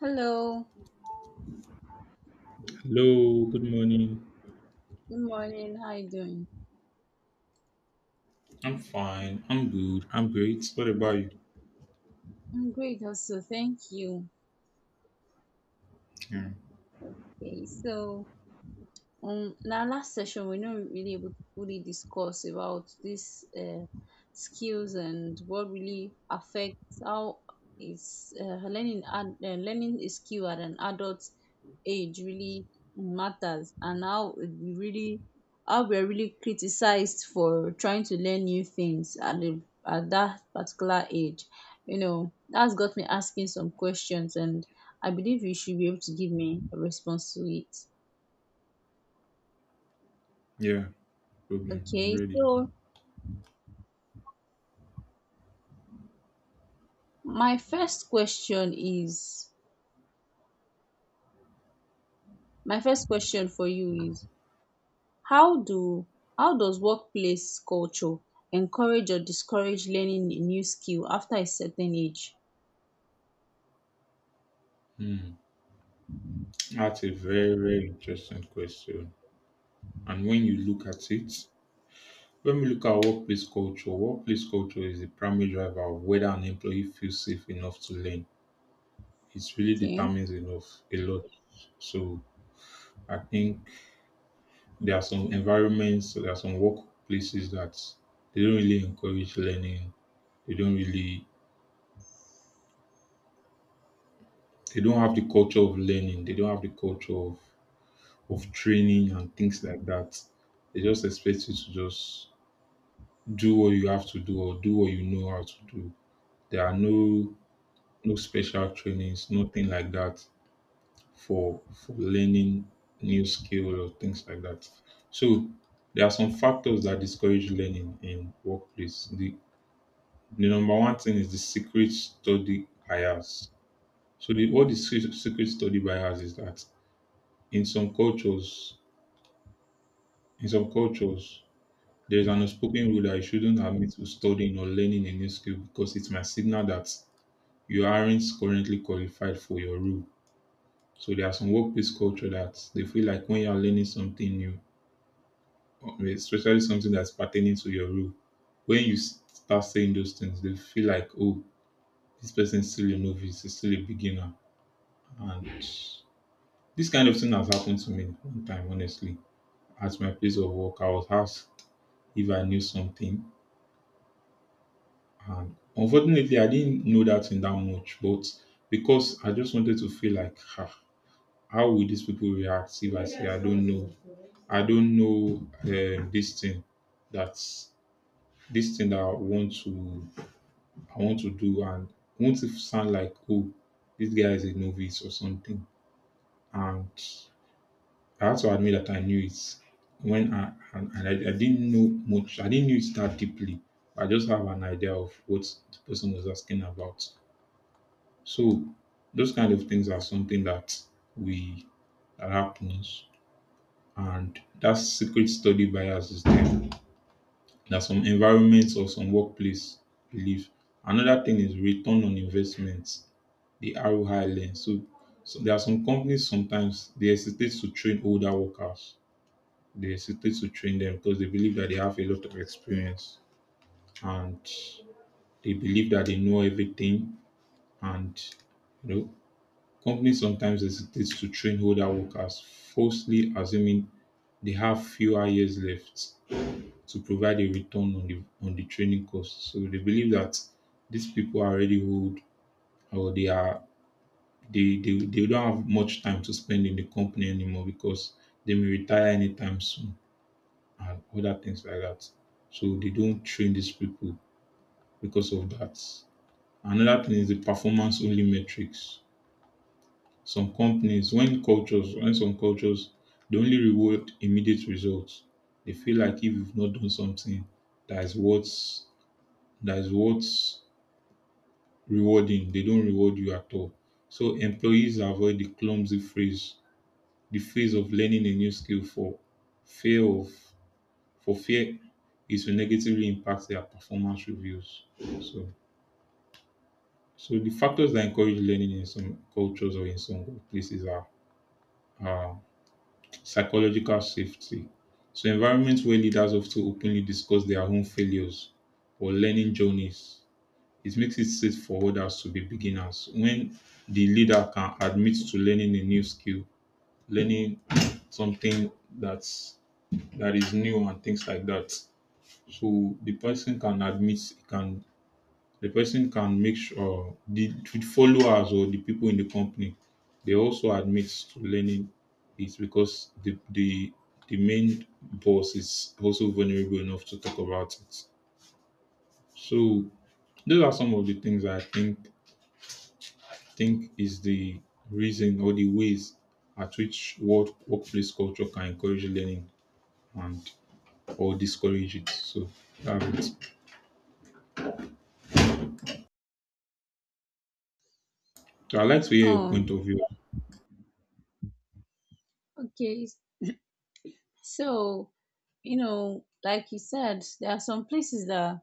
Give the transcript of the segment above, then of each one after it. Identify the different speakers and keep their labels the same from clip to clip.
Speaker 1: Hello,
Speaker 2: Hello, good morning.
Speaker 1: good morning. How you doing?
Speaker 2: I'm fine. I'm good. I'm great. What about you?
Speaker 1: I'm great also, thank you.
Speaker 2: Yeah,
Speaker 1: Okay, so in our last session we are not really able to fully discuss about these skills and what really affects how is learning a skill at an adult age really matters and how we're really criticized for trying to learn new things at the at that particular age. You know, that's got me asking some questions and I believe you should be able to give me a response to it.
Speaker 2: yeah, no problem. I'm
Speaker 1: Okay,
Speaker 2: ready.
Speaker 1: so my first question is my first question for you is, how do how does workplace culture encourage or discourage learning a new skill after a certain age?
Speaker 2: Hmm. That's a very, very interesting question. And when you look at it, when we look at workplace culture is the primary driver of whether an employee feels safe enough to learn. It really
Speaker 1: Okay.
Speaker 2: determines enough a lot. So I think there are some environments, there are some workplaces that they don't really encourage learning. They don't really They don't have the culture of learning. They don't have the culture of training and things like that. They just expect you to just do what you have to do or do what you know how to do. There are no special trainings, nothing like that for learning new skills or things like that. So there are some factors that discourage learning in workplace. The number one thing is the secret study bias. So what the secret study bias is that in some cultures In some cultures, there is an unspoken rule that you shouldn't admit to studying or learning a new skill because it might signal that you aren't currently qualified for your role. So there are some workplace culture that they feel like when you are learning something new, especially something that's pertaining to your role, when you start saying those things, they feel like, oh, this person is still a novice, is still a beginner. And this kind of thing has happened to me 1 time, honestly. At my place of work, I was asked if I knew something. And unfortunately, I didn't know that in that much, but because I just wanted to feel like, ah, how will these people react if I say I don't know? I don't know this thing that's this thing that I want to do, and won't it sound like, oh, this guy is a novice or something? And I had to admit that I knew it when I didn't know much. I didn't know it that deeply. I just have an idea of what the person was asking about. So those kind of things are something we that happens, and that secret study bias is there. That some environments or some workplace believe. Another thing is return on investment, the ROI lens. So there are some companies sometimes they hesitate to train older workers. They hesitate to train them because they believe that they have a lot of experience and they believe that they know everything and, you know, companies sometimes hesitate to train older workers, falsely assuming they have fewer years left to provide a return on the training cost. So they believe that these people are already old or they are, they don't have much time to spend in the company anymore because they may retire anytime soon and other things like that. So they don't train these people because of that. Another thing is the performance only metrics. Some companies when cultures when Some cultures, they only reward immediate results. They feel like if you've not done something that is what's rewarding, they don't reward you at all. So employees avoid the clumsy phrase, the phase of learning a new skill for fear of for fear is to negatively impact their performance reviews. So so the factors that encourage learning in some cultures or in some places are psychological safety. So, environments where leaders often openly discuss their own failures or learning journeys, it makes it safe for others to be beginners. When the leader can admit to learning a new skill, learning something that's that is new and things like that, so the person can admit, he can, the person can make sure the followers or the people in the company, they also admit to learning it because the main boss is also vulnerable enough to talk about it. So those are some of the things I think is the reason or the ways at which workplace culture can encourage learning and or discourage it. So that's it. So I'd like to hear your point
Speaker 1: Um
Speaker 2: of view.
Speaker 1: okay, so you know, like you said, there are some places that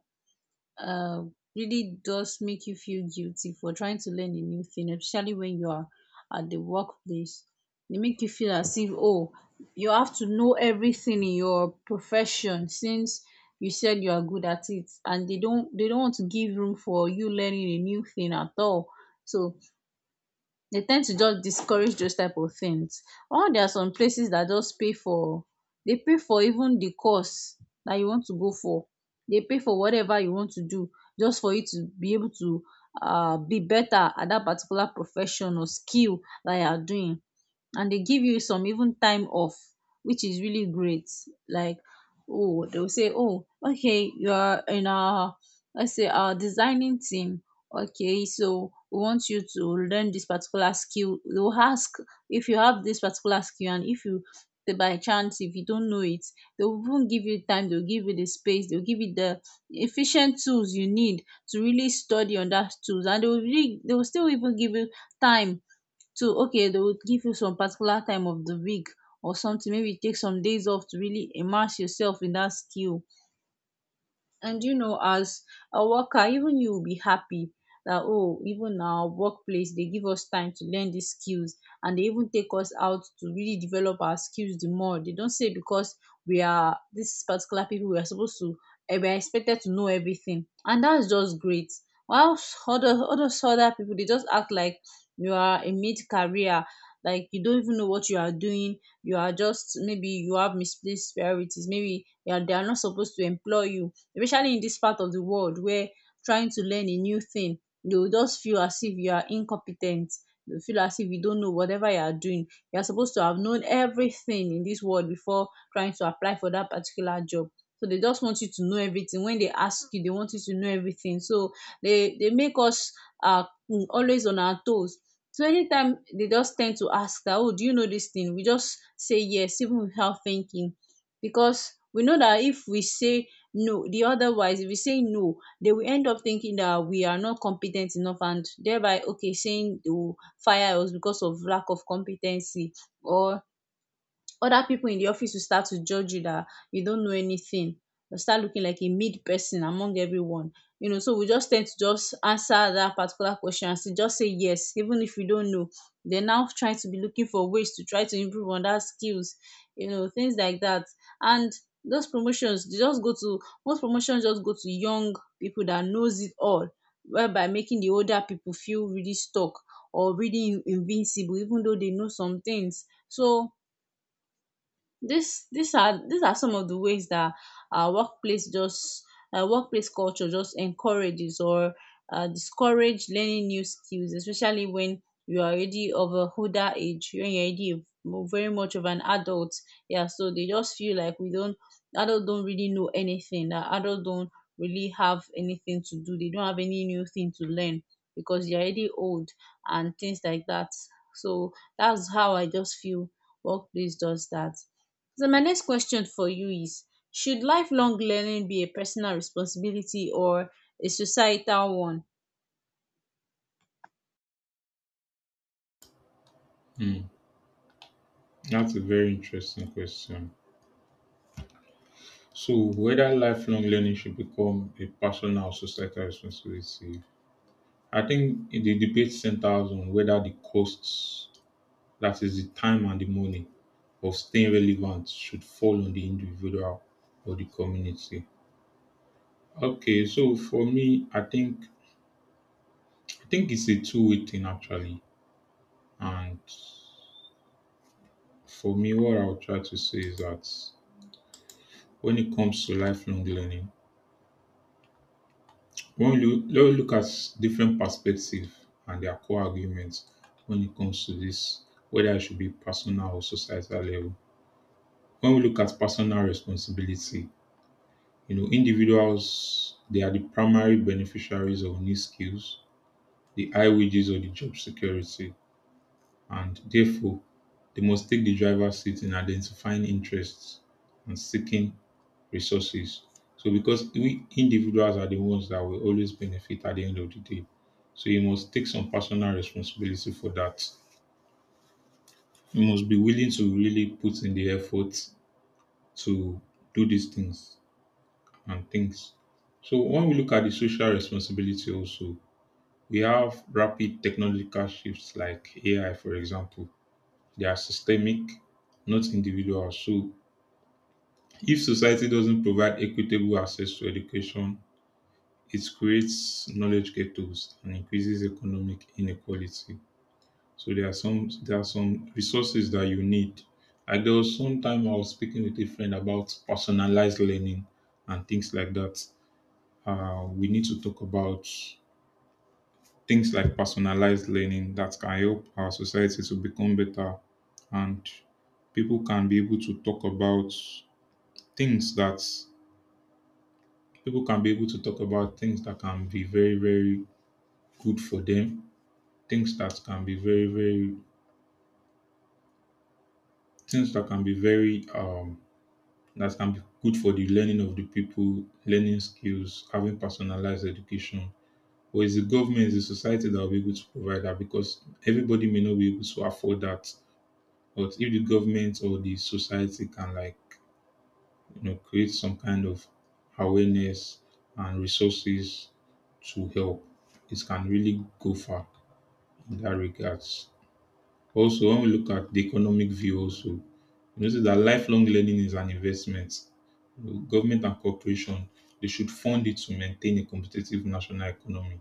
Speaker 1: uh, really does make you feel guilty for trying to learn a new thing, especially when you are at the workplace. They make you feel as if, oh, you have to know everything in your profession since you said you are good at it, and they don't want to give room for you learning a new thing at all. So they tend to just discourage those type of things. Or there are some places that just pay for even the course that you want to go for. They pay for whatever you want to do, just for you to be able to be better at that particular profession or skill that you are doing, and they give you some even time off, which is really great. Like, oh, they'll say, oh okay, you are in our, let's say, our designing team, okay, so we want you to learn this particular skill. They will ask if you have this particular skill, and if you the- by chance, if you don't know it, they will even give you time, they'll give you the space, they'll give you the efficient tools you need to really study on that tools, and they will still even give you time to, okay, they will give you some particular time of the week or something, maybe take some days off to really immerse yourself in that skill. And you know, as a worker, even you will be happy that, oh, even our workplace, they give us time to learn these skills, and they even take us out to really develop our skills the more. They don't say because we are this particular people we are supposed to we are expected to know everything, and that's just great. While other people, they just act like you are a mid career, like you don't even know what you are doing, you are just, maybe you have misplaced priorities, maybe they are not supposed to employ you, especially in this part of the world where, trying to learn a new thing, they go just feel as if you are incompetent. Ten, you feel as if you don't know whatever you are doing, you are supposed to have known everything in this world before trying to apply for that particular job. So they just want you to know everything. When they ask you, they want you to know everything. So they make us um always on our toes. So anytime they just tend to ask that, oh, do you know this thing, we just say yes even without thinking, because we know that if we say no, the otherwise, if we say no, they will end up thinking that we are not competent enough, and thereby, okay, saying they will fire us because of lack of competency. Or other people in the office will start to judge you that you don't know anything. You'll start looking like a mid person among everyone. You know, so we just tend to just answer that particular question and say, just say yes, even if you don't know. They're now trying to be looking for ways to try to improve on that skills, you know, things like that. And those promotions they just go to most promotions just go to young people that knows it all, whereby making the older people feel really stuck or really invincible, even though they know some things. So this these are some of the ways that our workplace just workplace culture just encourages or discourage learning new skills, especially when you are already of a older age, when you are already a very much of an adult. Yeah, so they just feel like we don't adult don't really know anything, that adult don't really have anything to do, they don't have any new thing to learn because you're already old and things like that. So that's how I just feel workplace does that. So my next question for you is, should lifelong learning be a personal responsibility or a societal one?
Speaker 2: Hmm, that's a very interesting question. So, whether lifelong learning should become a personal or societal responsibility, I think the debate centers on whether the costs, that is, the time and the money, of staying relevant should fall on the individual or the community. Okay, so for me, I think it's a two-way thing actually. And for me, what I'll try to say is that when it comes to lifelong learning, When you let's look at different perspectives and their core arguments when it comes to this, whether it should be personal or societal level. When we look at personal responsibility, you know, individuals, they are the primary beneficiaries of new skills, the high wages or the job security, and therefore they must take the driver's seat in identifying interests and seeking resources. So because we individuals are the ones that will always benefit at the end of the day. So you must take some personal responsibility for that. You must be willing to really put in the effort to do these things and things. So when we look at the social responsibility also, we have rapid technological shifts like AI, for example. They are systemic, not individual. So if society doesn't provide equitable access to education, it creates knowledge ghettos and increases economic inequality. So there are some resources that you need. Like there was some time I was speaking with a friend about personalized learning and things like that. We need to talk about things like personalized learning that can help our society to become better, and people can be able to talk about things that people can be able to talk about things that can be very, good for them, things that can be very, very things that can be very that can be good for the learning of the people, learning skills, having personalized education. Or is the government, is the society that will be able to provide that, because everybody may not be able to afford that. But if the government or the society can, like, you know, create some kind of awareness and resources to help, it can really go far in that regards. Also, when we look at the economic view also, you notice that lifelong learning is an investment. Government and corporation, they should fund it to maintain a competitive national economy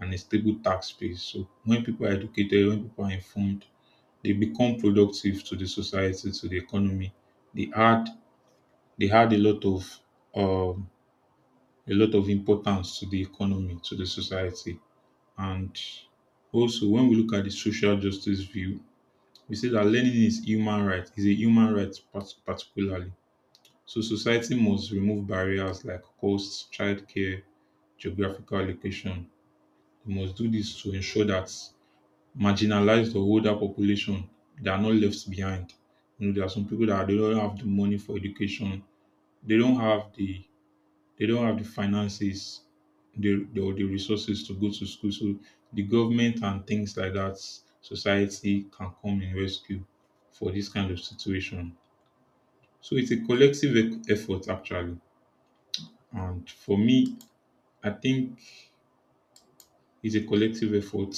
Speaker 2: and a stable tax base. So when people are educated, when people are informed, they become productive to the society, to the economy. They add they add um, a lot of importance to the economy, to the society. And also when we look at the social justice view, we say that learning is human right, is a human right particularly. So society must remove barriers like cost, childcare, geographical location. We must do this to ensure that marginalized or older population, they are not left behind. You know, there are some people that they don't have the money for education, they don't have the, they don't have the finances, the resources to go to school. So the government and things like that, society can come in rescue for this kind of situation. So it's a collective effort actually. And for me, I think it's a collective effort.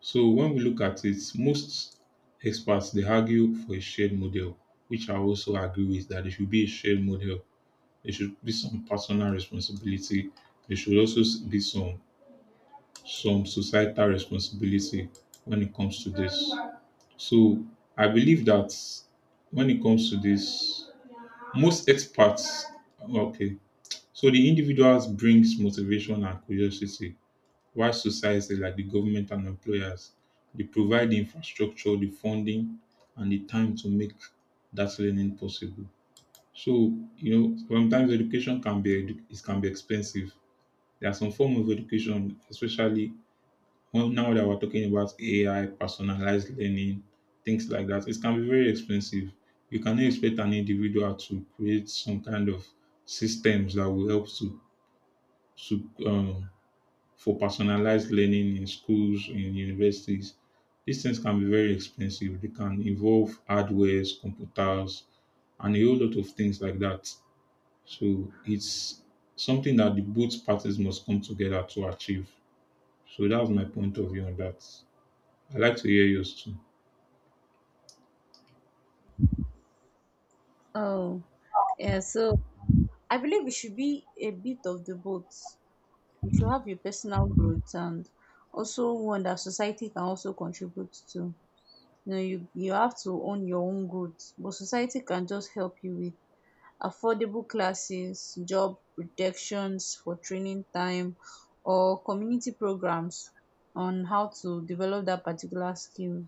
Speaker 2: So when we look at it, most experts, they argue for a shared model, which I also agree with, that it should be a shared model. There should be some personal responsibility. There should also be some societal responsibility when it comes to this. So I believe that when it comes to this, most experts, okay. So the individuals brings motivation and curiosity, while society like the government and employers, they provide the infrastructure, the funding, and the time to make that learning possible. So, you know, sometimes education can be it can be expensive. There are some form of education especially when now that we're talking about AI, personalized learning, things like that, it can be very expensive. You cannot expect an individual to create some kind of systems that will help to to um, for personalized learning in schools, in universities. These things can be very expensive. They can involve hardwares, computers, and a whole lot of things like that. So it's something that the both parties must come together to achieve. So that's my point of view on that. I'd like to hear yours too.
Speaker 1: Oh, yeah. So I believe it should be a bit of the both. You should have your personal growth and also one that society can also contribute to. You know, you have to own your own growth, but society can just help you with affordable classes, job protections for training time, or community programs on how to develop that particular skill,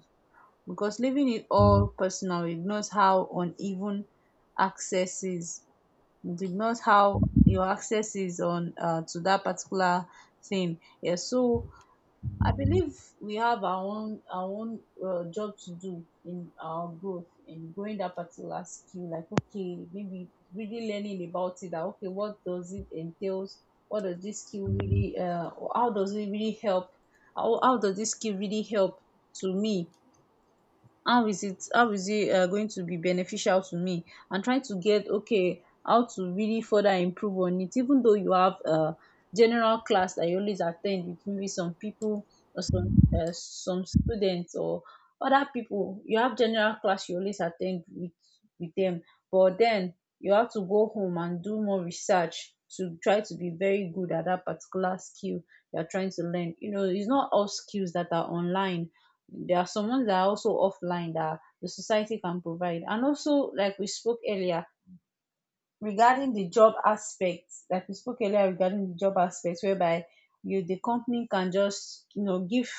Speaker 1: because leaving it all personal ignores how uneven access is. It ignores how your access is on to that particular thing. Yeah, so I believe we have our own job to do in our growth, in growing that particular skill. Like, okay, maybe really learning about it. That okay, what does it entails? What does this skill really? How does it really help? How does this skill really help to me? How is it going to be beneficial to me, and trying to get, okay, how to really further improve on it, even though you have a general class that you always attend with maybe some people or some students or other people, you have general class you always attend with them, but then you have to go home and do more research to try to be very good at that particular skill you're trying to learn. You know, it's not all skills that are online, there are some ones that are also offline that the society can provide. And also, like we spoke earlier regarding the job aspects, whereby you, the company, can just, you know, give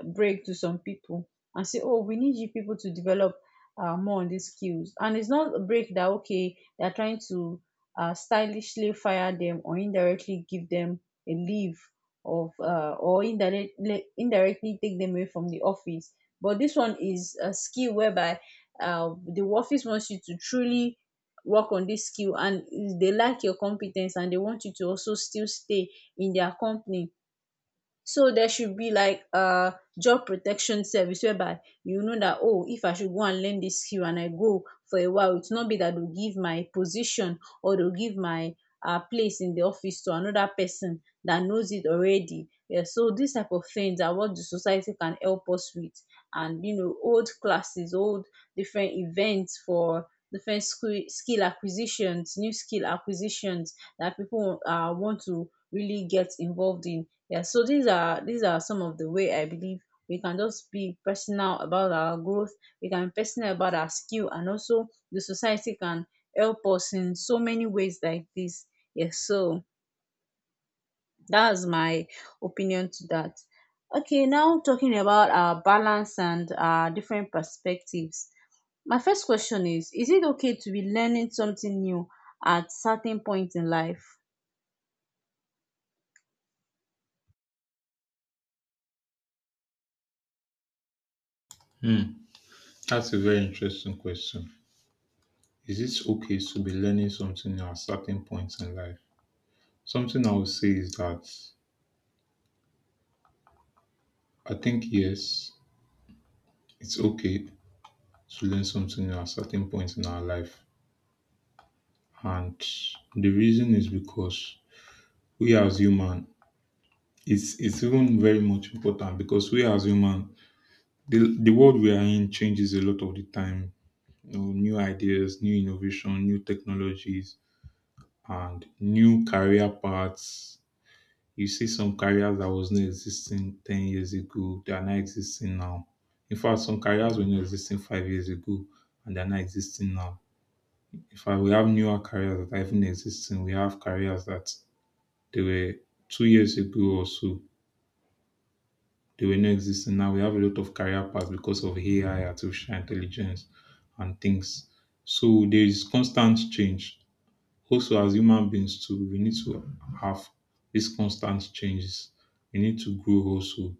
Speaker 1: a break to some people and say, oh, we need you people to develop more on these skills. And it's not a break that, okay, they're trying to stylishly fire them or indirectly give them a leave of or indirectly indirectly take them away from the office. But this one is a skill whereby the office wants you to truly work on this skill, and they like your compe ten ce, and they want you to also still stay in their company. So there should be like a job protection service whereby you know that, oh, if I should go and learn this skill and I go for a while, it's not be that dey go give my position or dey go give my place in the office to another person that knows it already. Um, so these type of things are what the society can help us with. And you know, old classes old different events for different skill acquisitions, new skill acquisitions that people want to really get involved in. Yeah, so these are some of the way I believe we can just be personal about our growth. We can be personal about our skill, and also the society can help us in so many ways like this. Yes, so that's my opinion to that. Okay, now talking about our balance and our different perspectives. My first question is it okay to be learning something new at certain point in life?
Speaker 2: Hmm. That's a very interesting question. Is it okay to be learning something at certain points in life? Something I would say is that I think yes, it's okay to learn something at a certain point in our life. And the reason is because we as human, it's even very much important because we as human, the world we are in changes a lot of the time. You know, new ideas, new innovation, new technologies, and new career paths. You see some careers that was not existing 10 years ago, they are not existing now. In fact, some careers were not existing 5 years ago and they are not existing now. In fact, we have newer careers that are even existing. We have careers that they were 2 years ago or so, they were not existing. Now we have a lot of career paths because of AI, artificial intelligence, and things. So there is constant change. Also, as human beings too, we need to have these constant changes. We need to grow also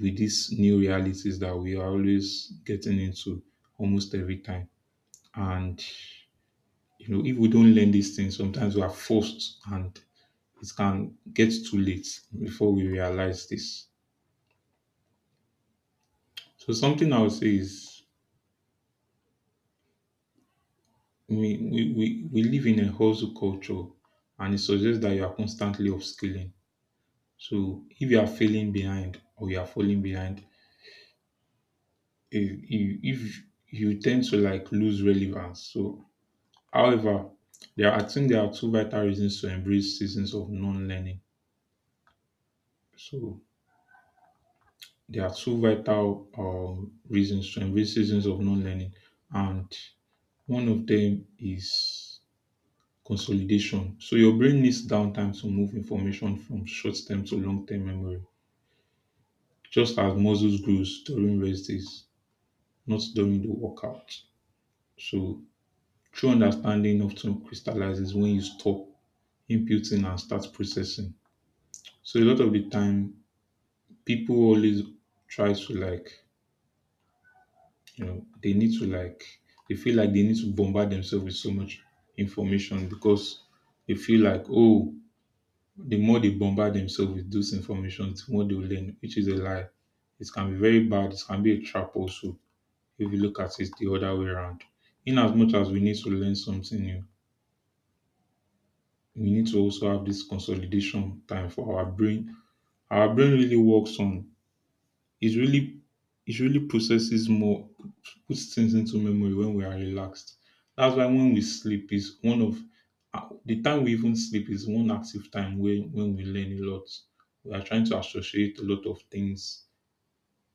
Speaker 2: with these new realities that we are always getting into almost every time. And you know, if we don't learn these things, sometimes we are forced and it can get too late before we realize this. So something I would say is we live in a hustle culture and it suggests that you are constantly upskilling. So if you are failing behind or you are falling behind, if you tend to like lose relevance. So however, I think there are two vital reasons to embrace seasons of non-learning. So they are two vital reasons to embrace seasons of non-learning, and one of them is consolidation. So your brain needs downtime to move information from short-term to long-term memory, just as muscles grows during rest days, not during the workout. So true understanding often crystallizes when you stop imputing and start processing. So a lot of the time, people always try to like You know, they need to like they feel like they need to bombard themselves with so much information because they feel like oh the more they bombard themselves with those information, the more they will learn, which is a lie. It can be very bad. It can be a trap also if you look at it the other way around. In as much as we need to learn something new, we need to also have this consolidation time for our brain. Our brain really works on it really it really processes more puts things into memory when we are relaxed. That's why when we sleep is one of the time we even sleep is one active time when we learn a lot. We are trying to associate a lot of things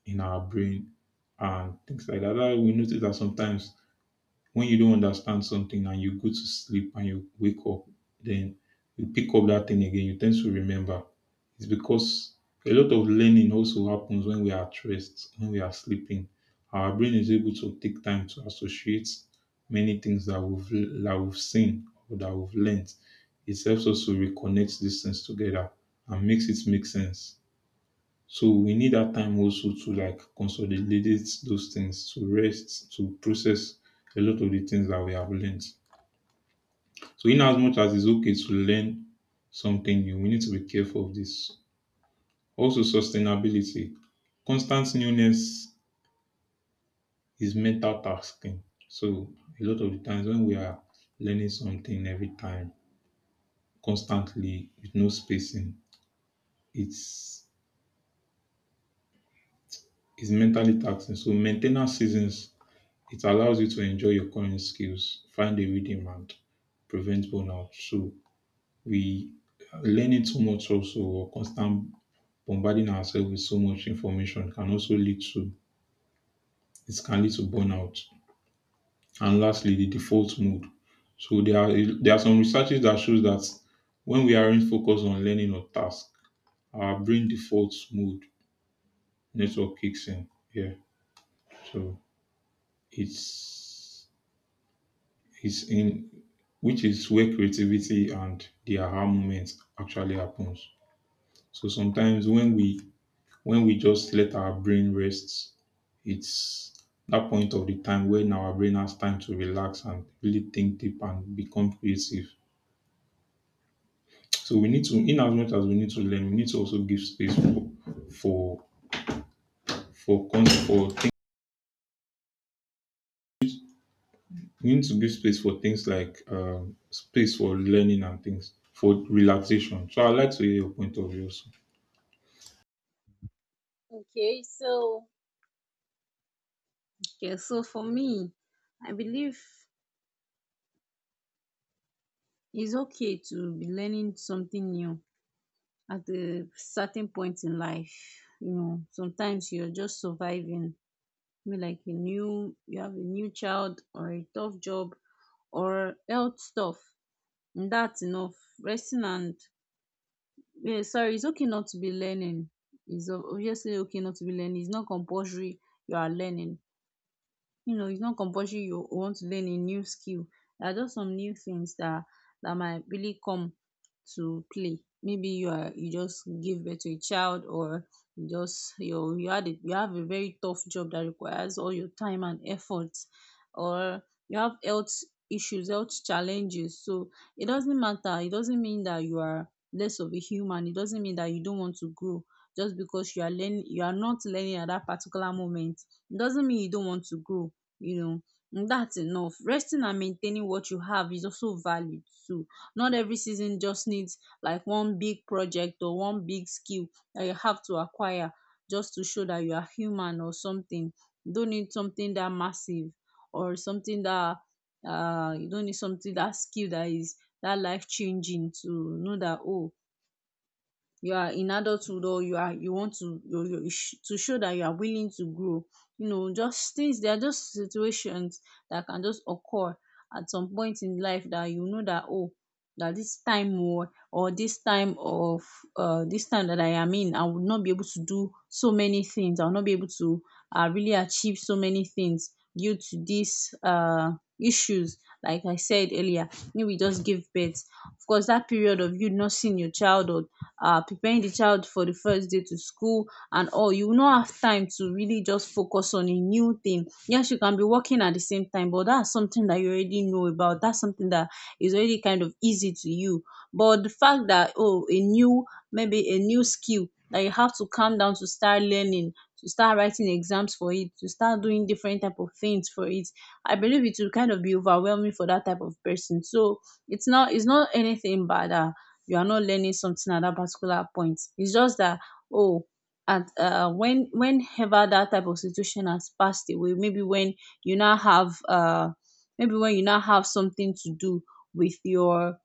Speaker 2: in our brain and things like that. That's why we notice that sometimes when you don't understand something and you go to sleep and you wake up, then you pick up that thing again, you tend to remember. It's because a lot of learning also happens when we are at rest, when we are sleeping. Our brain is able to take time to associate many things that we've seen or that we've learned. It helps us to reconnect these things together and makes it make sense. So we need that time also to like consolidate those things, to rest, to process a lot of the things that we have learned. So in as much as it's okay to learn something new, we need to be careful of this. Also sustainability. Constant newness is mental tasking. So a lot of the times when we are learning something every time, constantly with no spacing, it's it's mentally taxing. So maintenance seasons, it allows you to enjoy your current skills, find a rhythm and prevent burnout. So we learning too much also or constant bombarding ourselves with so much information can also lead to burnout. And lastly, the default mode. So there are some researches that shows that when we aren't focused on learning or task, our brain default mode network kicks in. Yeah. So it's it's in which is where creativity and the aha moment actually happens. So sometimes when we just let our brain rest, it's that point of the time when our brain has time to relax and really think deep and become creative. So we need to, in as much as we need to learn, we need to also give space for for for things. We need to give space for things like space for learning and things for relaxation. So I'd like to hear your point of view
Speaker 1: Okay, so Okay, so for me, I believe it's okay to be learning something new at a certain point in life. You know, sometimes you're just surviving. Maybe like a new, you have a new child or a tough job or health stuff. And that's enough. Resting and, yeah, sorry, it's okay not to be learning. It's obviously okay not to be learning. It's not compulsory you are learning. You know, it's not compulsory you want to learn a new skill. There are just some new things that might really come to play. Maybe you are, you just give birth to a child, or you just, you had a, you have a very tough job that requires all your time and effort, or you have health issues, health challenges. So it doesn't matter, it doesn't mean that you are less of a human, it doesn't mean that you don't want to grow just because you are learning, you are not learning at that particular moment. It doesn't mean you don't want to grow, you know. And that's enough. Resting and maintaining what you have is also valid too. Not every season just needs like one big project or one big skill that you have to acquire just to show that you are human or something. You don't need something that massive, or something that, you don't need something, that skill that is that life changing, to know that, oh, you are in adulthood, or you are, you want to, you to show that you are willing to grow, you know. Just things, they are just situations that can just occur at some point in life, that you know that, oh, that this time, or this time of, this time that I am in, I will not be able to do so many things, I will not be able to, really achieve so many things due to these issues. Like I said earlier, maybe just give birth. Of course, that period of you not seeing your child, or preparing the child for the first day to school and all, you will not have time to really just focus on a new thing. Yes, you can be working at the same time, but that's something that you already know about, that's something that is already kind of easy to you. But the fact that, oh, a new, maybe a new skill that you have to calm down to start learning, to start writing exams for it, to start doing different type of things for it, I believe it will kind of be overwhelming for that type of person. So it's not anything bad. You are not learning something at that particular point. It's just that, oh, at when, whenever that type of situation has passed away, maybe when you now have maybe when you now have something to do with your,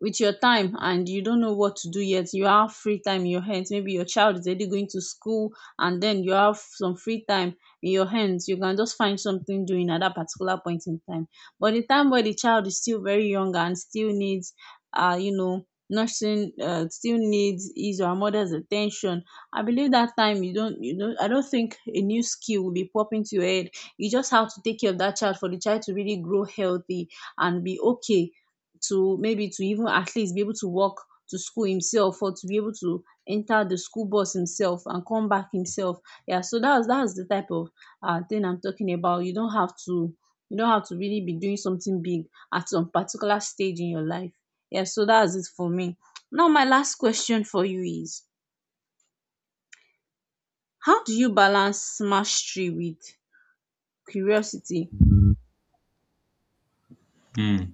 Speaker 1: with your time, and you don't know what to do yet, you have free time in your hands, maybe your child is already going to school and then you have some free time in your hands, you can just find something doing at that particular point in time. But the time where the child is still very young and still needs you know nursing, still needs his or her mother's attention, I believe that time you don't, you know, I don't think a new skill will be popping to your head. You just have to take care of that child for the child to really grow healthy and be okay, to maybe to even at least be able to walk to school himself, or to be able to enter the school bus himself and come back himself. Yeah, so that's the type of thing I'm talking about. You don't have to, you don't have to really be doing something big at some particular stage in your life. Yeah, so that's it for me. Now my last question for you is, how do you balance mastery with curiosity?
Speaker 2: also.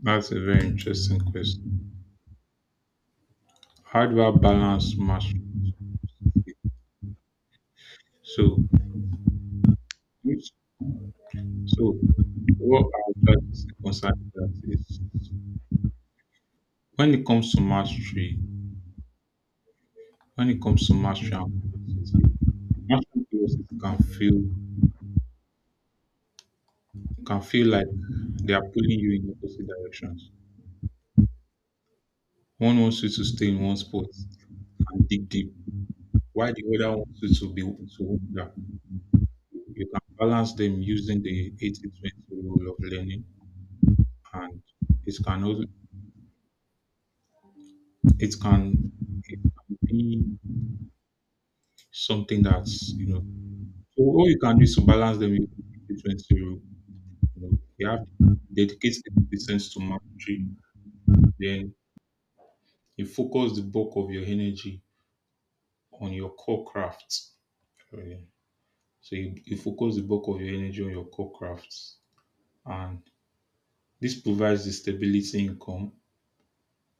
Speaker 2: That's a very interesting question. Hardware balance matters. So, which- so what I'll try to say concerning that is when it comes to mastery, when it comes to mastery and curiosity can feel like they are pulling you in opposite directions. One wants you to stay in one spot and dig deep, while the other wants you to wander. You can balance them using the 80-20 rule of learning, and it can also it can it can be something that's you know so all you can do is to balance them in the 20 rule. You know, you have to dedicate 80% to mastery, then you focus the bulk of your energy on your core craft. Okay. So you focus the bulk of your energy on your core crafts. And this provides the stability income,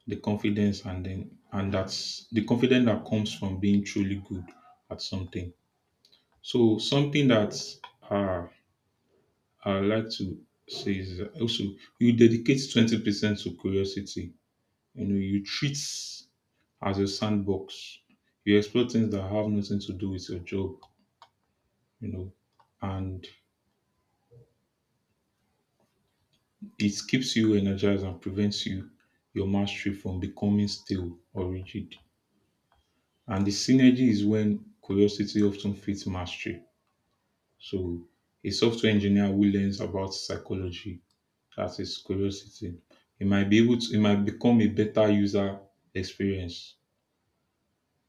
Speaker 2: the confidence, and that's the confidence that comes from being truly good at something. So something that uh I like to say is that also you dedicate 20% to curiosity. You know, you treat as a sandbox. You explore things that have nothing to do with your job, you know, and it keeps you energized and prevents your mastery from becoming stale or rigid. And the synergy is when curiosity often fits mastery. So a software engineer who learns about psychology, that is curiosity. You might be able to, You might become a better user experience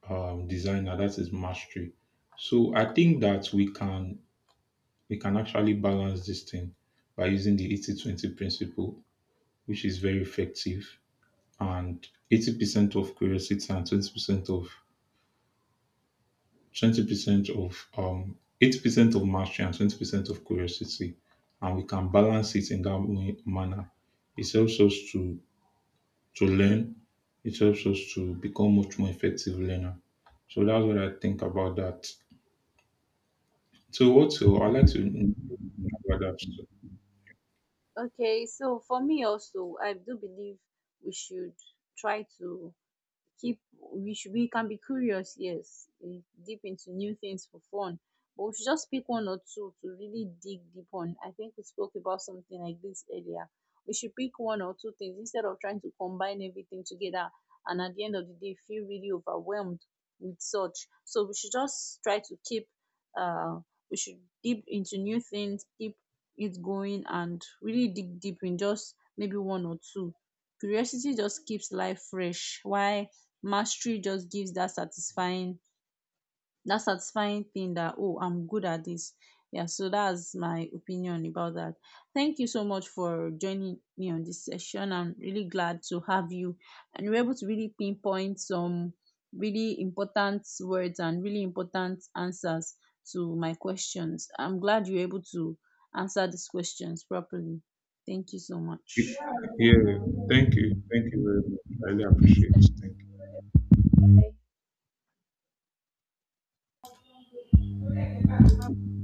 Speaker 2: designer. That is mastery. So I think that we can actually balance this thing by using the 80-20 principle, which is very effective. And 80% of curiosity and 20% of 20% of 80% of mastery and 20% of curiosity. And we can balance it in that way- manner. It helps us to learn. It helps us to become much more effective learner. So that's what I think about that. So what's your I like to know about that. So,
Speaker 1: Okay, so for me also, I do believe we should try to keep, we should, we can be curious, yes, deep into new things for fun, but we should just pick one or two to really dig deep on. I think we spoke about something like this earlier. We should pick one or two things instead of trying to combine everything together and at the end of the day feel really overwhelmed with such. So we should just try to keep uh we should deep into new things, keep it going and really dig deep in just maybe one or two. Curiosity just keeps life fresh. Why? Mastery just gives that satisfying, that satisfying thing that, oh, I'm good at this. Yeah, so that's my opinion about that. Thank you so much for joining me on this session. I'm really glad to have you, and we're able to really pinpoint some really important words and really important answers to my questions. I'm glad you're able to answer these questions properly. Thank you so much.
Speaker 2: yeah, thank you. Thank you very much. I really
Speaker 1: Next
Speaker 2: appreciate it. Thank
Speaker 1: time.
Speaker 2: you.